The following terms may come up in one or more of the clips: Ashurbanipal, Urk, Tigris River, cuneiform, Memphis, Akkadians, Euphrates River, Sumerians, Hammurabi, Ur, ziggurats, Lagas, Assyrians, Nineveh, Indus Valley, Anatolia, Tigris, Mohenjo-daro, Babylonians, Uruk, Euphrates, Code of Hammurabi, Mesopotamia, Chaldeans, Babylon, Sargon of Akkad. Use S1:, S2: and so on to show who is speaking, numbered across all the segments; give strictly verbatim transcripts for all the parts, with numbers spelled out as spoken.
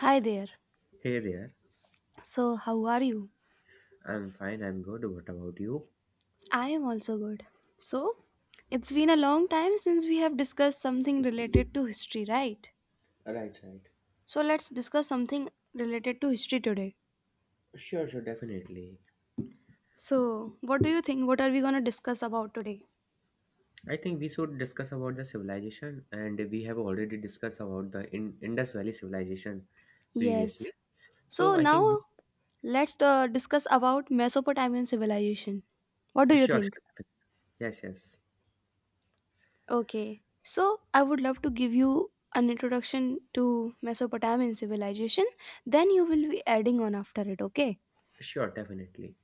S1: Hi there.
S2: Hey there.
S1: So, how are you?
S2: I'm fine, I'm good. What about you?
S1: I am also good. So, it's been a long time since we have discussed something related to history, right?
S2: Right, right.
S1: So, let's discuss something related to history today.
S2: Sure, sure, definitely.
S1: So, what do you think? What are we going to discuss about today?
S2: I think we should discuss about the civilization, and we have already discussed about the In- Indus Valley civilization
S1: Yes.
S2: previously.
S1: So,
S2: So I
S1: now
S2: think we,
S1: let's uh, discuss about Mesopotamian civilization. What do you
S2: sure, sure.
S1: think?
S2: defi- Yes, yes.
S1: Okay. So, I would love to give you an introduction to Mesopotamian civilization. Then you will be adding on after it, okay?
S2: Sure, definitely.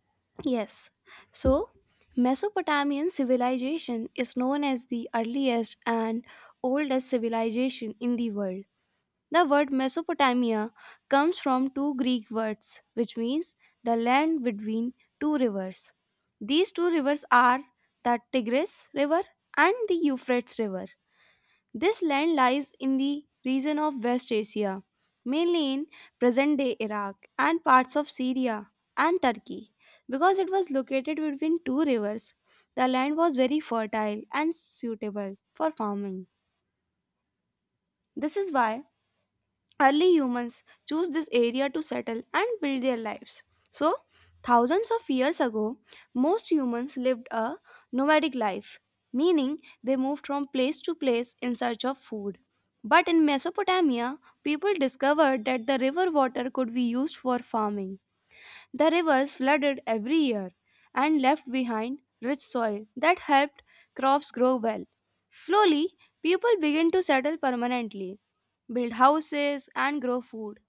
S1: Yes. So, Mesopotamian civilization is known as the earliest and oldest civilization in the world. The word Mesopotamia comes from two Greek words, which means the land between two rivers. These two rivers are the Tigris River and the Euphrates River. This land lies in the region of West Asia, mainly in present day Iraq and parts of Syria and Turkey. Because it was located between two rivers, the land was very fertile and suitable for farming. This is why early humans chose this area to settle and build their lives. So, thousands of years ago, most humans lived a nomadic life, meaning they moved from place to place in search of food. But in Mesopotamia, people discovered that the river water could be used for farming. The rivers flooded every year and left behind rich soil that helped crops grow well. Slowly, people began to settle permanently, build houses, and grow food.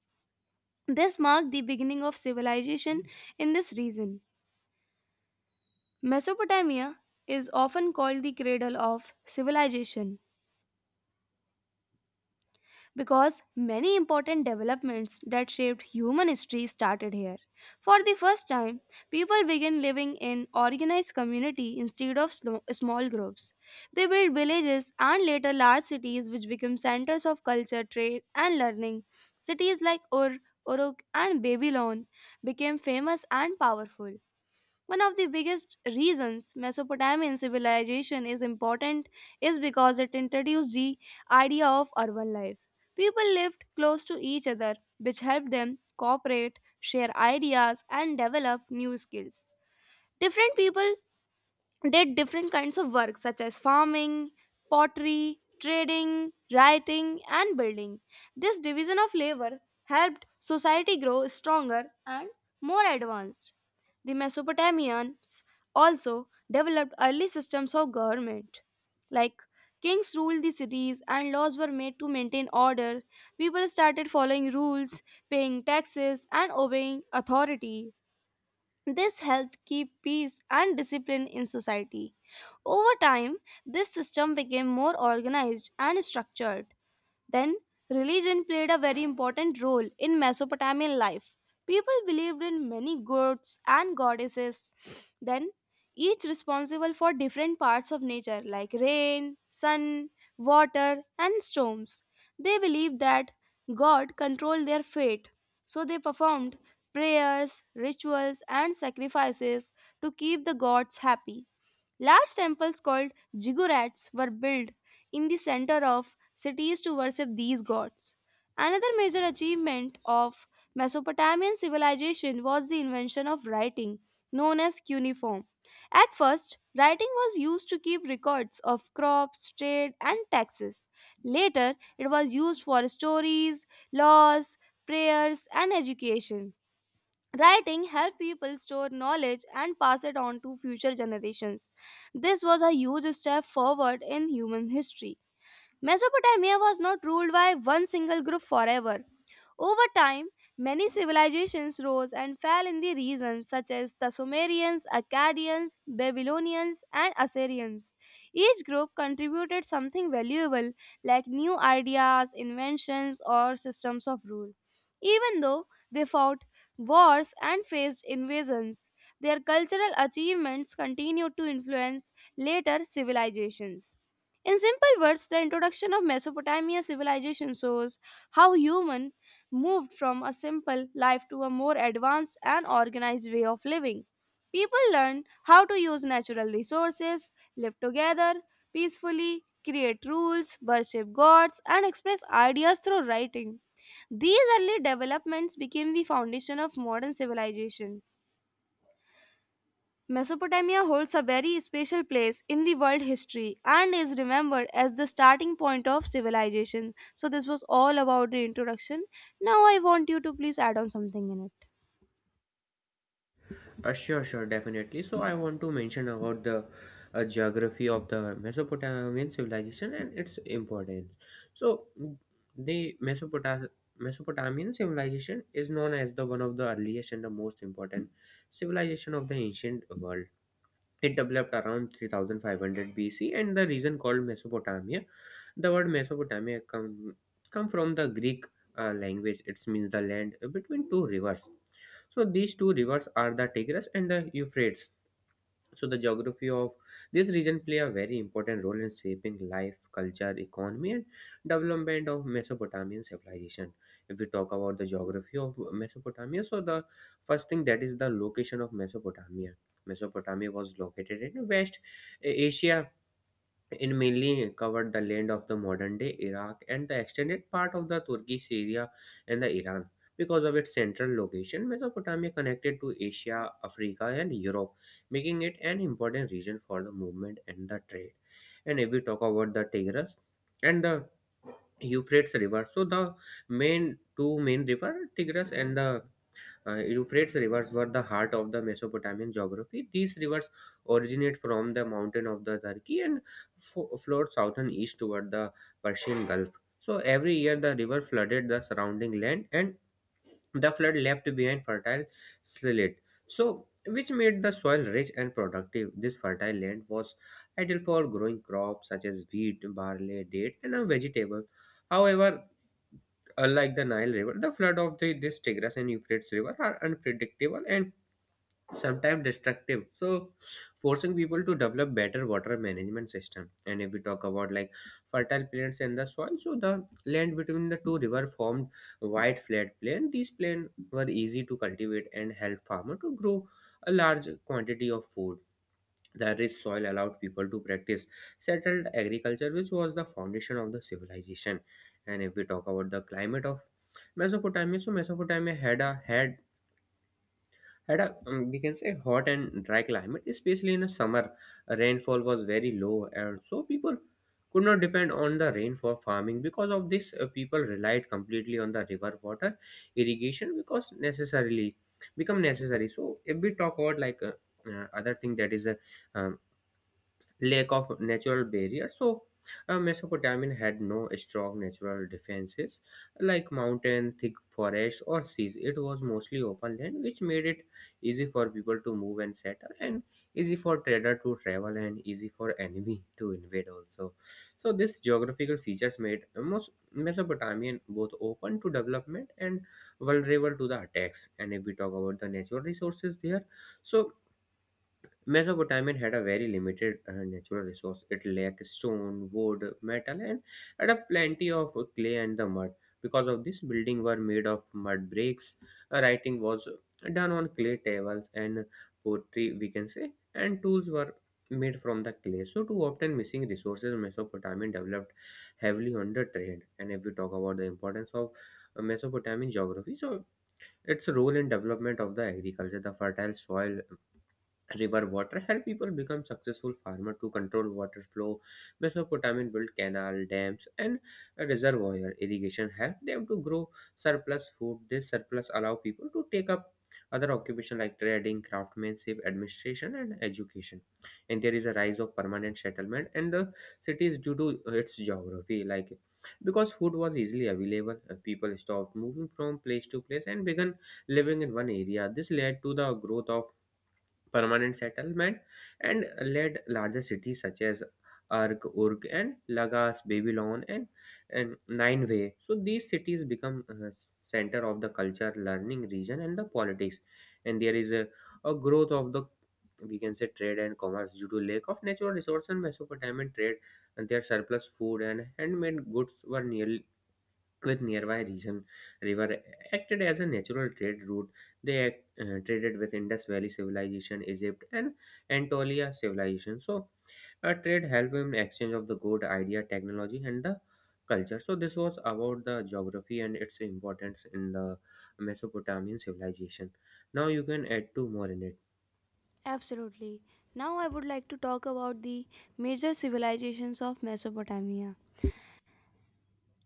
S1: This marked the beginning of civilization in this region. Mesopotamia is often called the cradle of civilization because many important developments that shaped human history started here. For the first time, people began living in organized community instead of slo- small groups. They built villages and later large cities which became centers of culture, trade and learning. Cities like Ur, Uruk and Babylon became famous and powerful. One of the biggest reasons Mesopotamian civilization is important is because it introduced the idea of urban life. People lived close to each other, which helped them cooperate, share ideas, and develop new skills. Different people did different kinds of work such as farming, pottery, trading, writing, and building. This division of labor helped society grow stronger and more advanced. The Mesopotamians also developed early systems of government. Like kings ruled the cities and laws were made to maintain order. People started following rules, paying taxes, and obeying authority. This helped keep peace and discipline in society. Over time, this system became more organized and structured. Then, religion played a very important role in Mesopotamian life. People believed in many gods and goddesses, then, each responsible for different parts of nature like rain, sun, water, and storms. They believed that God controlled their fate, so they performed prayers, rituals, and sacrifices to keep the gods happy. Large temples called ziggurats were built in the center of cities to worship these gods. Another major achievement of Mesopotamian civilization was the invention of writing, known as cuneiform. At first, writing was used to keep records of crops, trade, and taxes. Later, it was used for stories, laws, prayers, and education. Writing helped people store knowledge and pass it on to future generations. This was a huge step forward in human history. Mesopotamia was not ruled by one single group forever. Over time, many civilizations rose and fell in the region, such as the Sumerians, Akkadians, Babylonians, and Assyrians. Each group contributed something valuable, like new ideas, inventions, or systems of rule. Even though they fought wars and faced invasions, their cultural achievements continued to influence later civilizations. In simple words, the introduction of Mesopotamia civilization shows how human moved from a simple life to a more advanced and organized way of living. People learn how to use natural resources, live together peacefully, create rules, worship gods, and express ideas through writing. These early developments became the foundation of modern civilization. Mesopotamia holds a very special place in the world history and is remembered as the starting point of civilization. So, this was all about the introduction. Now, I want you to please add on something in it.
S2: Uh, sure, sure, definitely. So I want to mention about the uh, geography of the Mesopotamian civilization and its importance. So mm, the Mesopota- Mesopotamian civilization is known as the one of the earliest and the most important civilization of the ancient world. It developed around three thousand five hundred B C and the region called Mesopotamia. The word Mesopotamia come, come from the Greek uh, language. It means the land between two rivers. So these two rivers are the Tigris and the Euphrates. So the geography of this region play a very important role in shaping life, culture, economy, and development of Mesopotamian civilization. If we talk about the geography of Mesopotamia, so the first thing that is the location of Mesopotamia. Mesopotamia was located in West Asia. It mainly covered the land of the modern day Iraq and the extended part of the Turkey, Syria, and the Iran. Because of its central location, Mesopotamia connected to Asia, Africa, and Europe, making it an important region for the movement and the trade. And if we talk about the Tigris and the Euphrates River, so the main two main river, Tigris and the uh, Euphrates rivers were the heart of the Mesopotamian geography. These rivers originate from the mountain of the Turkey and fo- flowed south and east toward the Persian Gulf. So every year the river flooded the surrounding land, and the flood left behind fertile slate, so which made the soil rich and productive. This fertile land was ideal for growing crops such as wheat, barley, date, and a vegetable. However, unlike the Nile River, the flood of the, this Tigris and Euphrates River are unpredictable and sometimes destructive, so forcing people to develop better water management system. And if we talk about like fertile plants and the soil, so the land between the two river formed wide flat plain. These plain were easy to cultivate and help farmer to grow a large quantity of food. The rich soil allowed people to practice settled agriculture, which was the foundation of the civilization. And if we talk about the climate of Mesopotamia, so Mesopotamia had a had had a um, we can say hot and dry climate, especially in the summer. Rainfall was very low, and so people could not depend on the rain for farming. Because of this, uh, people relied completely on the river water irrigation because necessarily become necessary. So if we talk about like uh, uh, other thing, that is a um, lack of natural barriers. So, uh, Mesopotamia had no strong natural defenses like mountain, thick forests, or seas. It was mostly open land, which made it easy for people to move and settle, and easy for trader to travel, and easy for enemy to invade also. So, these geographical features made most Mesopotamian both open to development and vulnerable to the attacks. And if we talk about the natural resources there, so Mesopotamia had a very limited uh, natural resource. It lacked stone, wood, metal, and had a plenty of clay and the mud. Because of this, buildings were made of mud bricks. Uh, Writing was done on clay tables, and pottery, we can say, and tools were made from the clay. So, to obtain missing resources, Mesopotamia developed heavily on the trade. And if we talk about the importance of uh, Mesopotamian geography, so its role in development of the agriculture, the fertile soil river water help people become successful farmers. To control water flow, Mesopotamian built canal dams and reservoir. Irrigation help them to grow surplus food. This surplus allow people to take up other occupation like trading, craftsmanship, administration, and education. And there is a rise of permanent settlement and the cities due to its geography, like because food was easily available, uh, people stopped moving from place to place and began living in one area. This led to the growth of permanent settlement and led larger cities such as Urk, Urk, and Lagas, Babylon, and, and Nineveh. So these cities become uh, center of the culture, learning region, and the politics. And there is a, a growth of the, we can say, trade and commerce due to lack of natural resources, and Mesopotamian trade and their surplus food and handmade goods were nearly with nearby region. River acted as a natural trade route. They act, uh, traded with Indus Valley civilization, Egypt, and Anatolia civilization. So uh, trade helped in exchange of the good idea, technology, and the culture. So this was about the geography and its importance in the Mesopotamian civilization. Now you can add two more in it.
S1: Absolutely. Now I would like to talk about the major civilizations of Mesopotamia.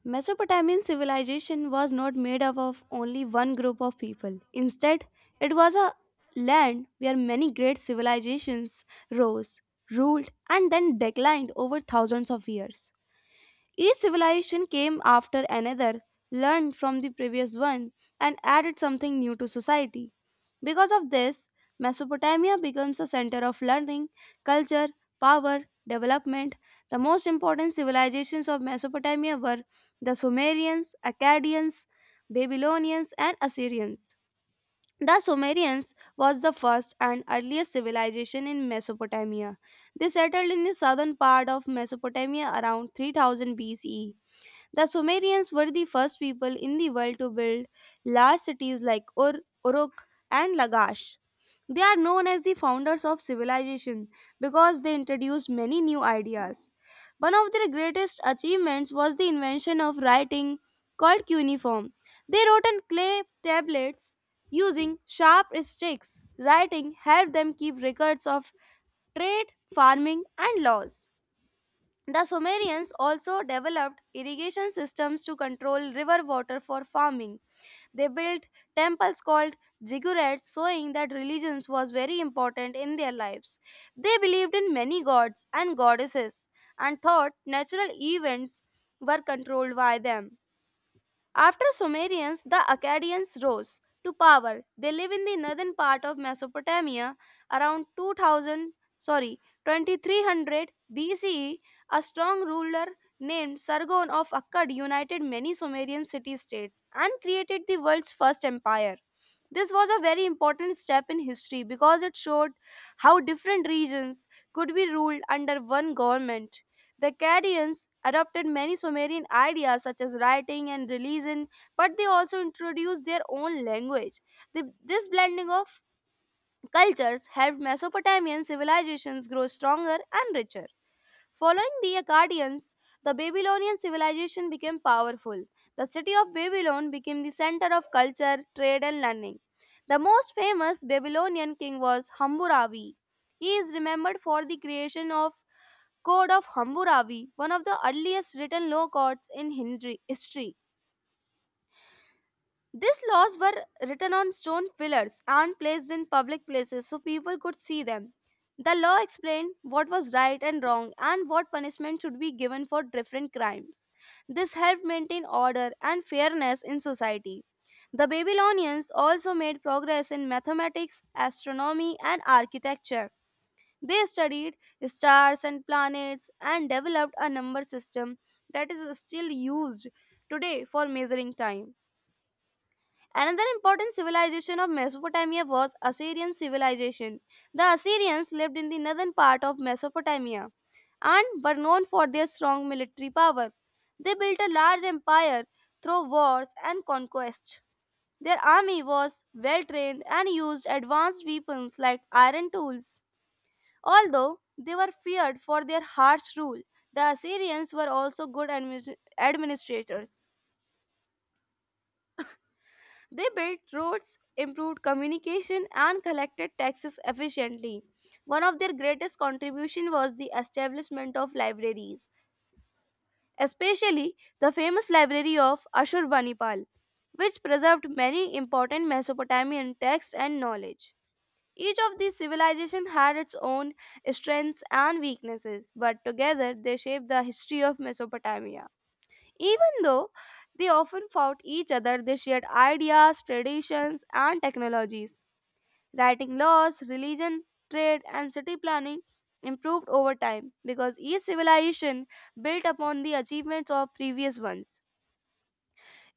S1: Mesopotamian civilization was not made up of only one group of people. Instead, it was a land where many great civilizations rose, ruled, and then declined over thousands of years. Each civilization came after another, learned from the previous one, and added something new to society. Because of this, Mesopotamia becomes a center of learning, culture, power, development. The most important civilizations of Mesopotamia were the Sumerians, Akkadians, Babylonians, and Assyrians. The Sumerians was the first and earliest civilization in Mesopotamia. They settled in the southern part of Mesopotamia around three thousand B C E. The Sumerians were the first people in the world to build large cities like Ur, Uruk, and Lagash. They are known as the founders of civilization because they introduced many new ideas. One of their greatest achievements was the invention of writing called cuneiform. They wrote on clay tablets using sharp sticks. Writing helped them keep records of trade, farming, and laws. The Sumerians also developed irrigation systems to control river water for farming. They built temples called ziggurats, showing that religion was very important in their lives. They believed in many gods and goddesses and thought natural events were controlled by them. After Sumerians, the Akkadians rose to power. They live in the northern part of Mesopotamia around two thousand, sorry, twenty three hundred B C E. A strong ruler named Sargon of Akkad united many Sumerian city-states and created the world's first empire. This was a very important step in history because it showed how different regions could be ruled under one government. The Chaldeans adopted many Sumerian ideas such as writing and religion, but they also introduced their own language. The- this blending of cultures helped Mesopotamian civilizations grow stronger and richer. Following the Akkadians, the Babylonian civilization became powerful. The city of Babylon became the center of culture, trade, and learning. The most famous Babylonian king was Hammurabi. He is remembered for the creation of Code of Hammurabi, one of the earliest written law codes in Hindri- history. These laws were written on stone pillars and placed in public places so people could see them. The law explained what was right and wrong and what punishment should be given for different crimes. This helped maintain order and fairness in society. The Babylonians also made progress in mathematics, astronomy, and architecture. They studied stars and planets and developed a number system that is still used today for measuring time. Another important civilization of Mesopotamia was Assyrian civilization. The Assyrians lived in the northern part of Mesopotamia and were known for their strong military power. They built a large empire through wars and conquest. Their army was well trained and used advanced weapons like iron tools. Although they were feared for their harsh rule, the Assyrians were also good admi- administrators. They built roads, improved communication, and collected taxes efficiently. One of their greatest contributions was the establishment of libraries, especially the famous library of Ashurbanipal, which preserved many important Mesopotamian texts and knowledge. Each of these civilizations had its own strengths and weaknesses, but together they shaped the history of Mesopotamia. Even though they often fought each other, they shared ideas, traditions, and technologies. Writing laws, religion, trade, and city planning improved over time because each civilization built upon the achievements of previous ones.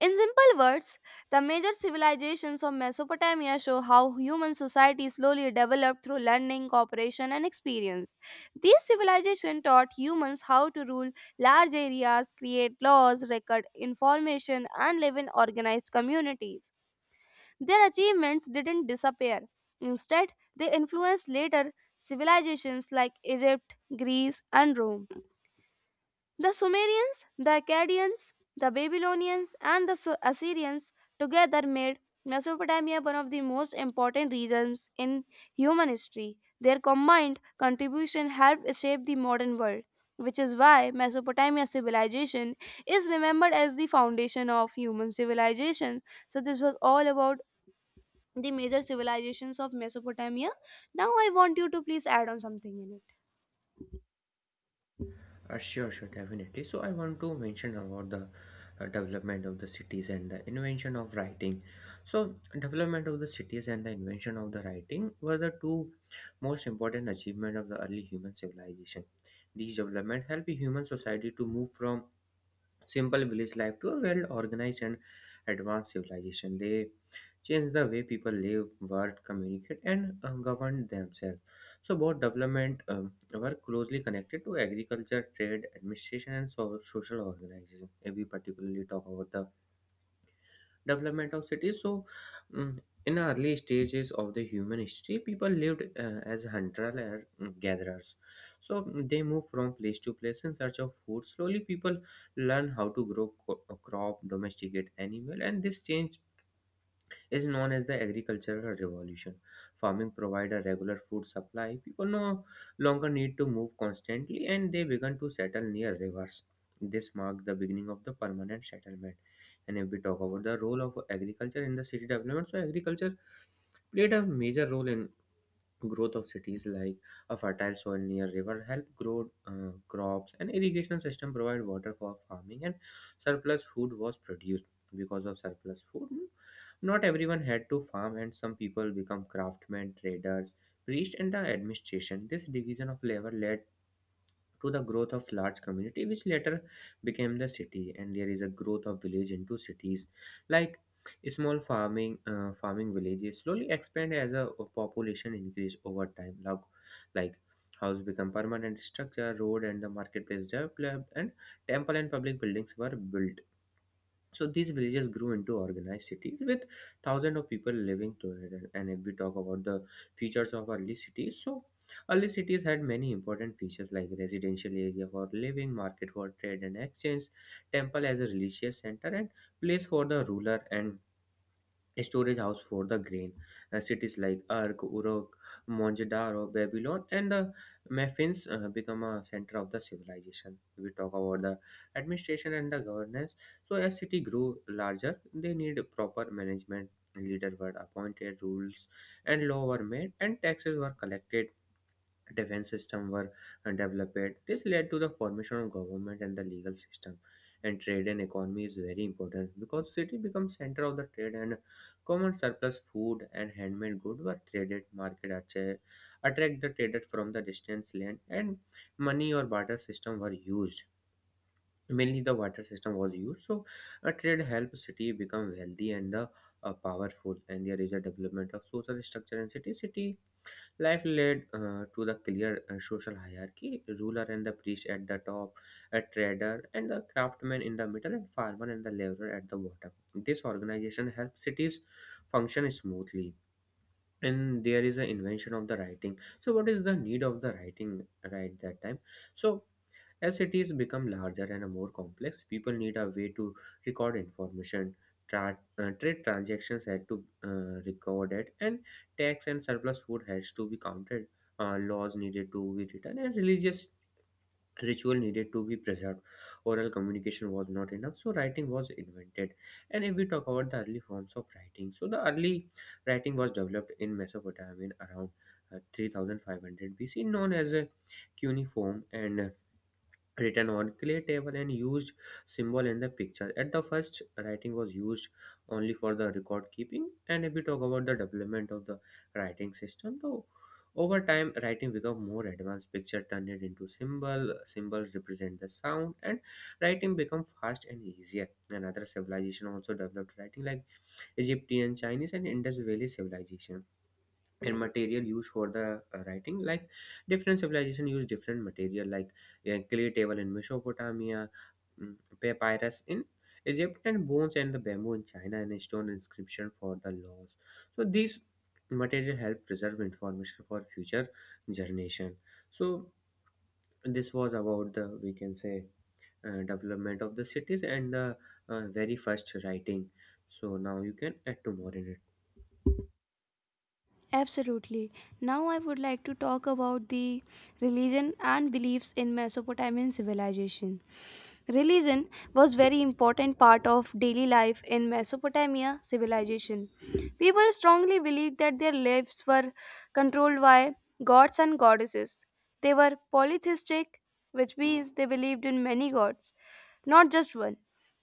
S1: In simple words, the major civilizations of Mesopotamia show how human society slowly developed through learning, cooperation, and experience. These civilizations taught humans how to rule large areas, create laws, record information, and live in organized communities. Their achievements didn't disappear. Instead, they influenced later civilizations like Egypt, Greece, and Rome. The Sumerians, the Akkadians, the Babylonians, and the Su- Assyrians together made Mesopotamia one of the most important regions in human history. Their combined contribution helped shape the modern world, which is why Mesopotamia civilization is remembered as the foundation of human civilization. So, this was all about the major civilizations of Mesopotamia. Now, I want you to please add on something in it.
S2: Uh, sure, sure, definitely. So I want to mention about the uh, development of the cities and the invention of writing. So development of the cities and the invention of the writing were the two most important achievement of the early human civilization. These development helped the human society to move from simple village life to a well organized and advanced civilization. They change the way people live, work, communicate, and uh, govern themselves. So, both development um, were closely connected to agriculture, trade, administration, and so- social organization. If we particularly talk about the development of cities. So, mm, in early stages of the human history, people lived uh, as hunter gatherers. So mm, they moved from place to place in search of food. Slowly, people learn how to grow co- a crop, domesticate animal, and this change is known as the agricultural revolution. Farming provided a regular food supply. People no longer need to move constantly and they began to settle near rivers. This marked the beginning of the permanent settlement. And if we talk about the role of agriculture in the city development, so agriculture played a major role in growth of cities, like a fertile soil near river help grow uh, crops, and irrigation system provide water for farming, and surplus food was produced. Because of surplus food, not everyone had to farm, and some people become craftsmen, traders, priests, and the administration. This division of labor led to the growth of large community, which later became the city. And there is a growth of village into cities, like small farming uh, farming villages slowly expand as a population increase over time, like, like house become permanent structure, road and the marketplace developed, and temple and public buildings were built. So these villages grew into organized cities with thousands of people living to it. And and if we talk about the features of early cities, so early cities had many important features like residential area for living, market for trade and exchange, temple as a religious center, and place for the ruler, and storage house for the grain. Uh, cities like Urk, Uruk, Mohenjo-daro, Babylon, and the Memphis uh, become a center of the civilization. We talk about the administration and the governance. So as city grew larger, they need proper management. Leader were appointed, rules and law were made, and taxes were collected. Defense system were uh, developed. This led to the formation of government and the legal system. And trade and economy is very important, because city becomes center of the trade and common surplus food and handmade goods were traded. Market attra- attract the traders from the distant land, and money or barter system were used. Mainly the barter system was used. So a trade helped city become wealthy and the uh, powerful. And there is a development of social structure in city. City life led uh, to the clear uh, social hierarchy: ruler and the priest at the top, a trader and the craftsman in the middle, and farmer and the laborer at the bottom. This organization helps cities function smoothly. And there is an invention of the writing. So, what is the need of the writing right that time? So, as cities become larger and more complex, people need a way to record information, tra- uh, trade transactions had to uh, record it, and tax and surplus food has to be counted. Uh, laws needed to be written, and religious ritual needed to be preserved. Oral communication was not enough, so writing was invented. And if we talk about the early forms of writing, so the early writing was developed in Mesopotamia in around uh, three thousand five hundred B C, known as a cuneiform and written on clay table and used symbol in the picture at the first writing was used only for the record keeping. And if we talk about the development of the writing system, though over time writing become more advanced, picture turned it into symbol, symbols represent the sound and writing become fast and easier. Another civilization also developed writing like Egyptian, Chinese, and Indus Valley civilization. And material used for the uh, writing, like different civilization use different material like uh, clay table in Mesopotamia, mm, papyrus in Egypt, and bones and the bamboo in China, and stone inscription for the laws. So these material help preserve information for future generation. So this was about, the we can say, uh, development of the cities and the uh, very first writing. So now you can add to more in it.
S1: Absolutely. Now I would like to talk about the religion and beliefs in Mesopotamian civilization. Religion was very important part of daily life in Mesopotamia civilization. People strongly believed that their lives were controlled by gods and goddesses. They were polytheistic, which means they believed in many gods, not just one.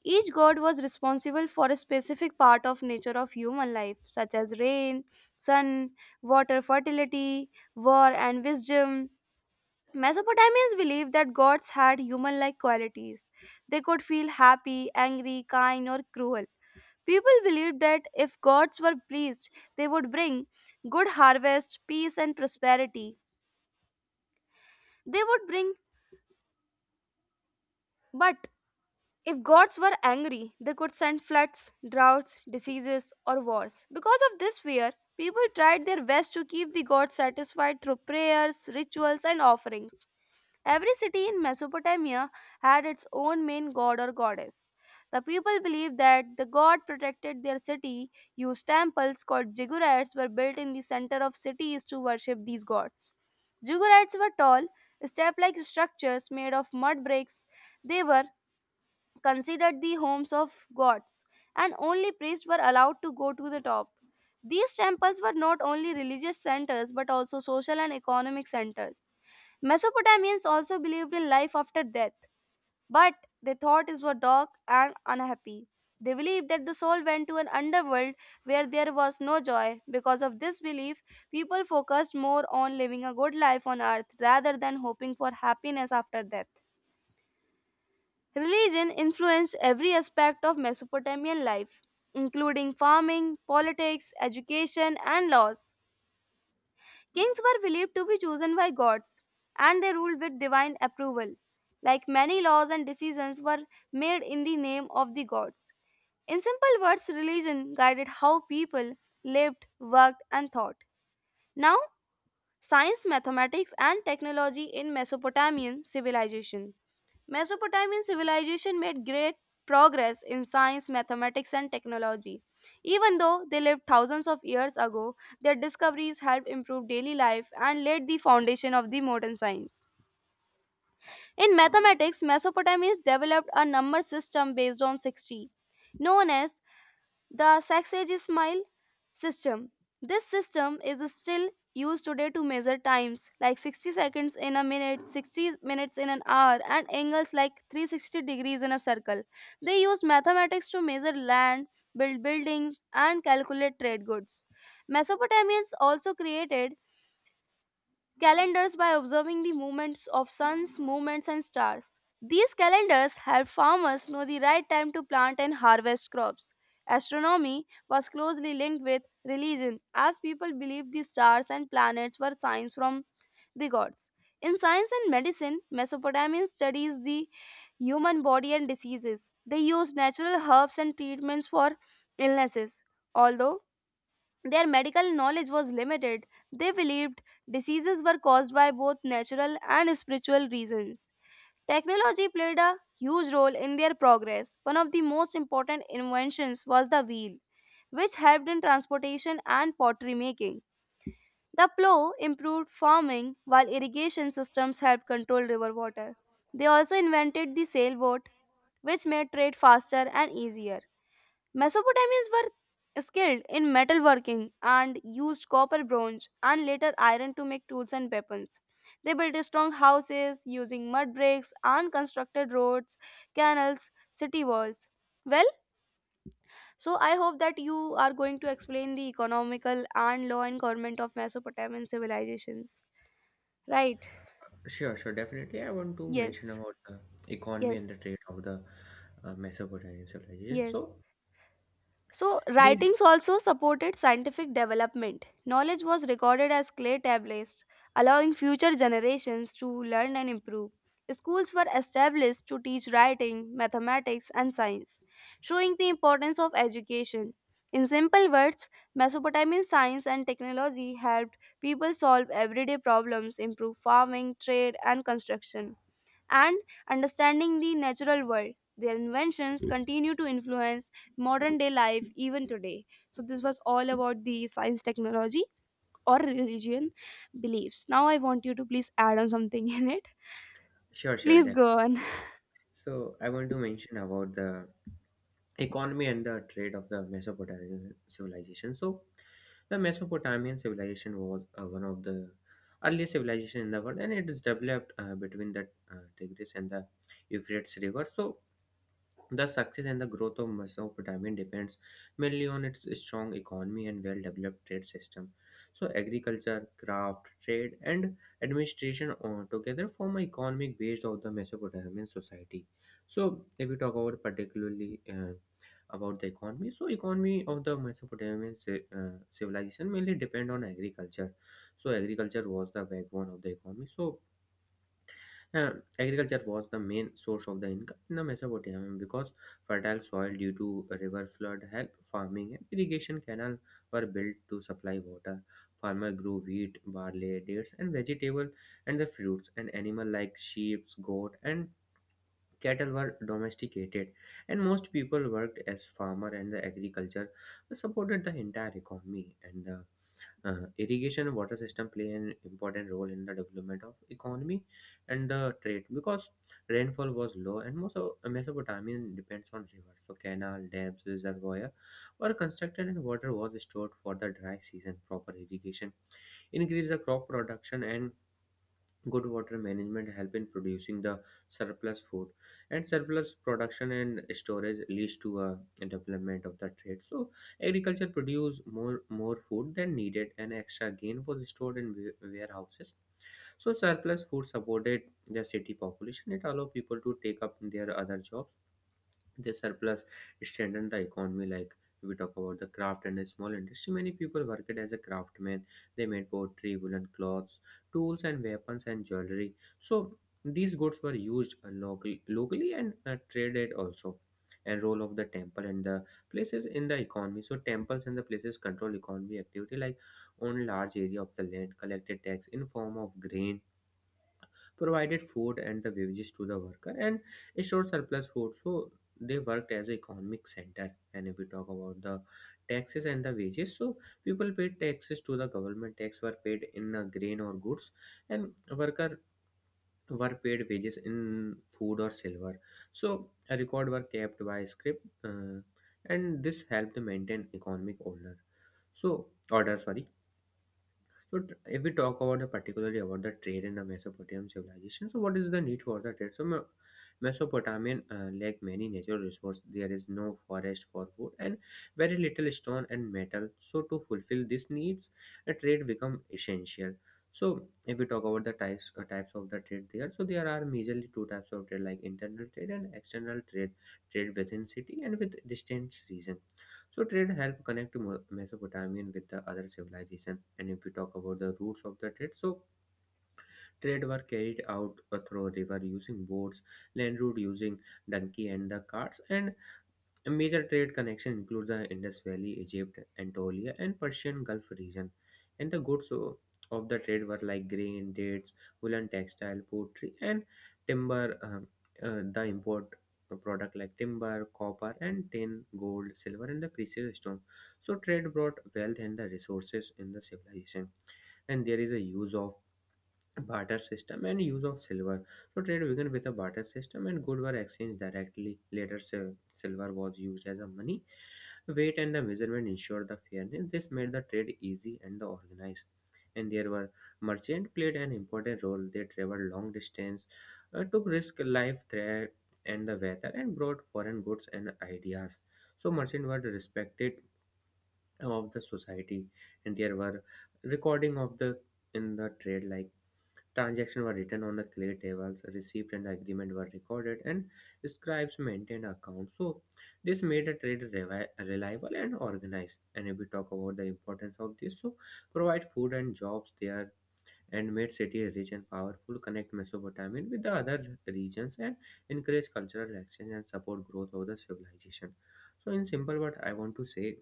S1: Each god was responsible for a specific part of nature of human life, such as rain, sun, water, fertility, war, and wisdom. Mesopotamians believed that gods had human like qualities. They could feel happy, angry, kind, or cruel. People believed that if gods were pleased, they would bring good harvest, peace, and prosperity. They would bring, but if gods were angry, they could send floods, droughts, diseases, or wars. Because of this fear, people tried their best to keep the gods satisfied through prayers, rituals, and offerings. Every city in Mesopotamia had its own main god or goddess. The people believed that the god protected their city, used temples called ziggurats were built in the center of cities to worship these gods. Ziggurats were tall, step-like structures made of mud bricks. They were considered the homes of gods, and only priests were allowed to go to the top. These temples were not only religious centers but also social and economic centers. Mesopotamians also believed in life after death, but they thought it was dark and unhappy. They believed that the soul went to an underworld where there was no joy. Because of this belief, people focused more on living a good life on earth rather than hoping for happiness after death. Religion influenced every aspect of Mesopotamian life, including farming, politics, education, and laws. Kings were believed to be chosen by gods, and they ruled with divine approval. Like, many laws and decisions were made in the name of the gods. In simple words, religion guided how people lived, worked, and thought. Now, science, mathematics, and technology in Mesopotamian civilization. Mesopotamian civilization made great progress in science, mathematics, and technology. Even though they lived thousands of years ago, their discoveries helped improve daily life and laid the foundation of the modern science. In mathematics, Mesopotamians developed a number system based on sixty, known as the Sausage Smile system. This system is still used today to measure times like sixty seconds in a minute, sixty minutes in an hour, and angles like three hundred sixty degrees in a circle. They use mathematics to measure land, build buildings, and calculate trade goods. Mesopotamians also created calendars by observing the movements of suns, movements, and stars. These calendars help farmers know the right time to plant and harvest crops. Astronomy was closely linked with religion, as people believed the stars and planets were signs from the gods. In science and medicine, Mesopotamia studies the human body and diseases. They used natural herbs and treatments for illnesses. Although their medical knowledge was limited. They believed diseases were caused by both natural and spiritual reasons. Technology played a huge role in their progress. One of the most important inventions was the wheel, which helped in transportation and pottery making. The plow improved farming, while irrigation systems helped control river water. They also invented the sailboat, which made trade faster and easier. Mesopotamians were skilled in metalworking and used copper, bronze, and later iron to make tools and weapons. They built strong houses using mud bricks and constructed roads, canals, city walls. Well, so I hope that you are going to explain the economical and law and government of Mesopotamian civilizations, right?
S2: Sure, sure, definitely. I want to mention
S1: Yes,
S2: about the economy and
S1: yes,
S2: the trade of the uh, Mesopotamian civilization.
S1: yes.
S2: So
S1: So,
S2: the
S1: writings also supported scientific development. Knowledge was recorded as clay tablets, allowing future generations to learn and improve. Schools were established to teach writing, mathematics, and science, showing the importance of education. In simple words, Mesopotamian science and technology helped people solve everyday problems, improve farming, trade, and construction and understanding the natural world. Their inventions continue to influence modern day life even today. So, this was all about the science, technology, or religion beliefs. Now, I want you to please add on something in it.
S2: sure, sure,
S1: Please
S2: definitely.
S1: go on.
S2: So I want to mention about the economy and the trade of the Mesopotamian civilization. So the Mesopotamian civilization was uh, one of the earliest civilization in the world, and it is developed uh, between the uh, Tigris and the Euphrates river. So the success and the growth of Mesopotamia depends mainly on its strong economy and well developed trade system. So, agriculture, craft, trade, and administration all together form an economic base of the Mesopotamian society. So, if we talk about particularly uh, about the economy, so economy of the Mesopotamian ci- uh, civilization mainly depend on agriculture. So, agriculture was the backbone of the economy. So, uh, agriculture was the main source of the income in the Mesopotamia because fertile soil due to river flood helped farming and irrigation canals were built to supply water. Farmers grew wheat, barley, dates, and vegetable and the fruits, and animals like sheep, goat, and cattle were domesticated. And most people worked as farmer, and the agriculture supported the entire economy and the uh, irrigation and water system play an important role in the development of economy and the trade because rainfall was low and most of Mesopotamia depends on rivers. So canal, dams, reservoir were constructed and water was stored for the dry season. Proper irrigation increased the crop production and good water management help in producing the surplus food, and surplus production and storage leads to a development of the trade. So agriculture produce more more food than needed and extra gain was stored in wa- warehouses. So surplus food supported the city population, it allowed people to take up their other jobs. This surplus strengthen the economy. Like, if we talk about the craft and the small industry, many people worked as a craftsman. They made pottery, woolen clothes, tools and weapons, and jewelry. So these goods were used locally, locally and uh, traded also. And role of the temple and the places in the economy, so temples and the places control economy activity, like own large area of the land, collected tax in form of grain, provided food and the beverages to the worker, and stored surplus food. So they worked as an economic center. And if we talk about the taxes and the wages, so people paid taxes to the government, tax were paid in uh, grain or goods, and worker were paid wages in food or silver. So a record were kept by script, uh, and this helped maintain economic order. So order, sorry. So t- if we talk about the particularly about the trade in the Mesopotamian civilization, so what is the need for the trade? So Me- Mesopotamian, uh, like many natural resources, there is no forest for food and very little stone and metal. So to fulfill these needs, a trade become essential. So if we talk about the types uh, types of the trade there, so there are majorly two types of trade, like internal trade and external trade, trade within city and with distant region. So trade helped connect Mesopotamian with the other civilization. And if we talk about the roots of the trade, so trade were carried out uh, through river using boats, land route using donkey and the carts, and a major trade connection includes the Indus Valley, Egypt, Anatolia, and Persian Gulf region, and the goods o- of the trade were like grain, dates, woolen textile, pottery, and timber. Um, uh, the import product like timber, copper, and tin, gold, silver, and the precious stone. So trade brought wealth and the resources in the civilization, and there is a use of barter system and use of silver. So trade began with a barter system and goods were exchanged directly. Later, sil- silver was used as a money. Weight and the measurement ensured the fairness. This made the trade easy and the organized. And there were merchant played an important role. They traveled long distance, uh, took risk, life threat, and the weather, and brought foreign goods and ideas. So merchant were respected of the society, and there were recording of the in the trade like transactions were written on a clear tables, receipt and agreement were recorded, and scribes maintained accounts. So this made a trade revi- reliable and organized. And if we talk about the importance of this, so provide food and jobs there and made city rich and powerful, connect Mesopotamia with the other regions and encourage cultural exchange and support growth of the civilization. So in simple what I want to say,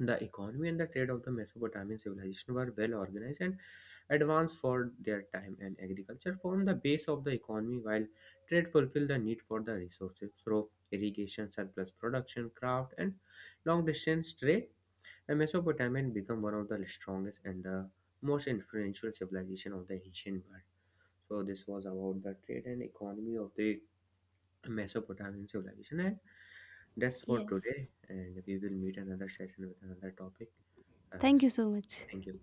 S2: the economy and the trade of the Mesopotamian civilization were well organized and advanced for their time, and agriculture formed the base of the economy, while trade fulfilled the need for the resources through irrigation, surplus production, craft, and long distance trade. The Mesopotamian became one of the strongest and the most influential civilization of the ancient world. So, this was about the trade and economy of the Mesopotamian civilization, and that's for
S1: Yes.
S2: today. And we will meet another session with another topic. And
S1: Thank you so much.
S2: thank you.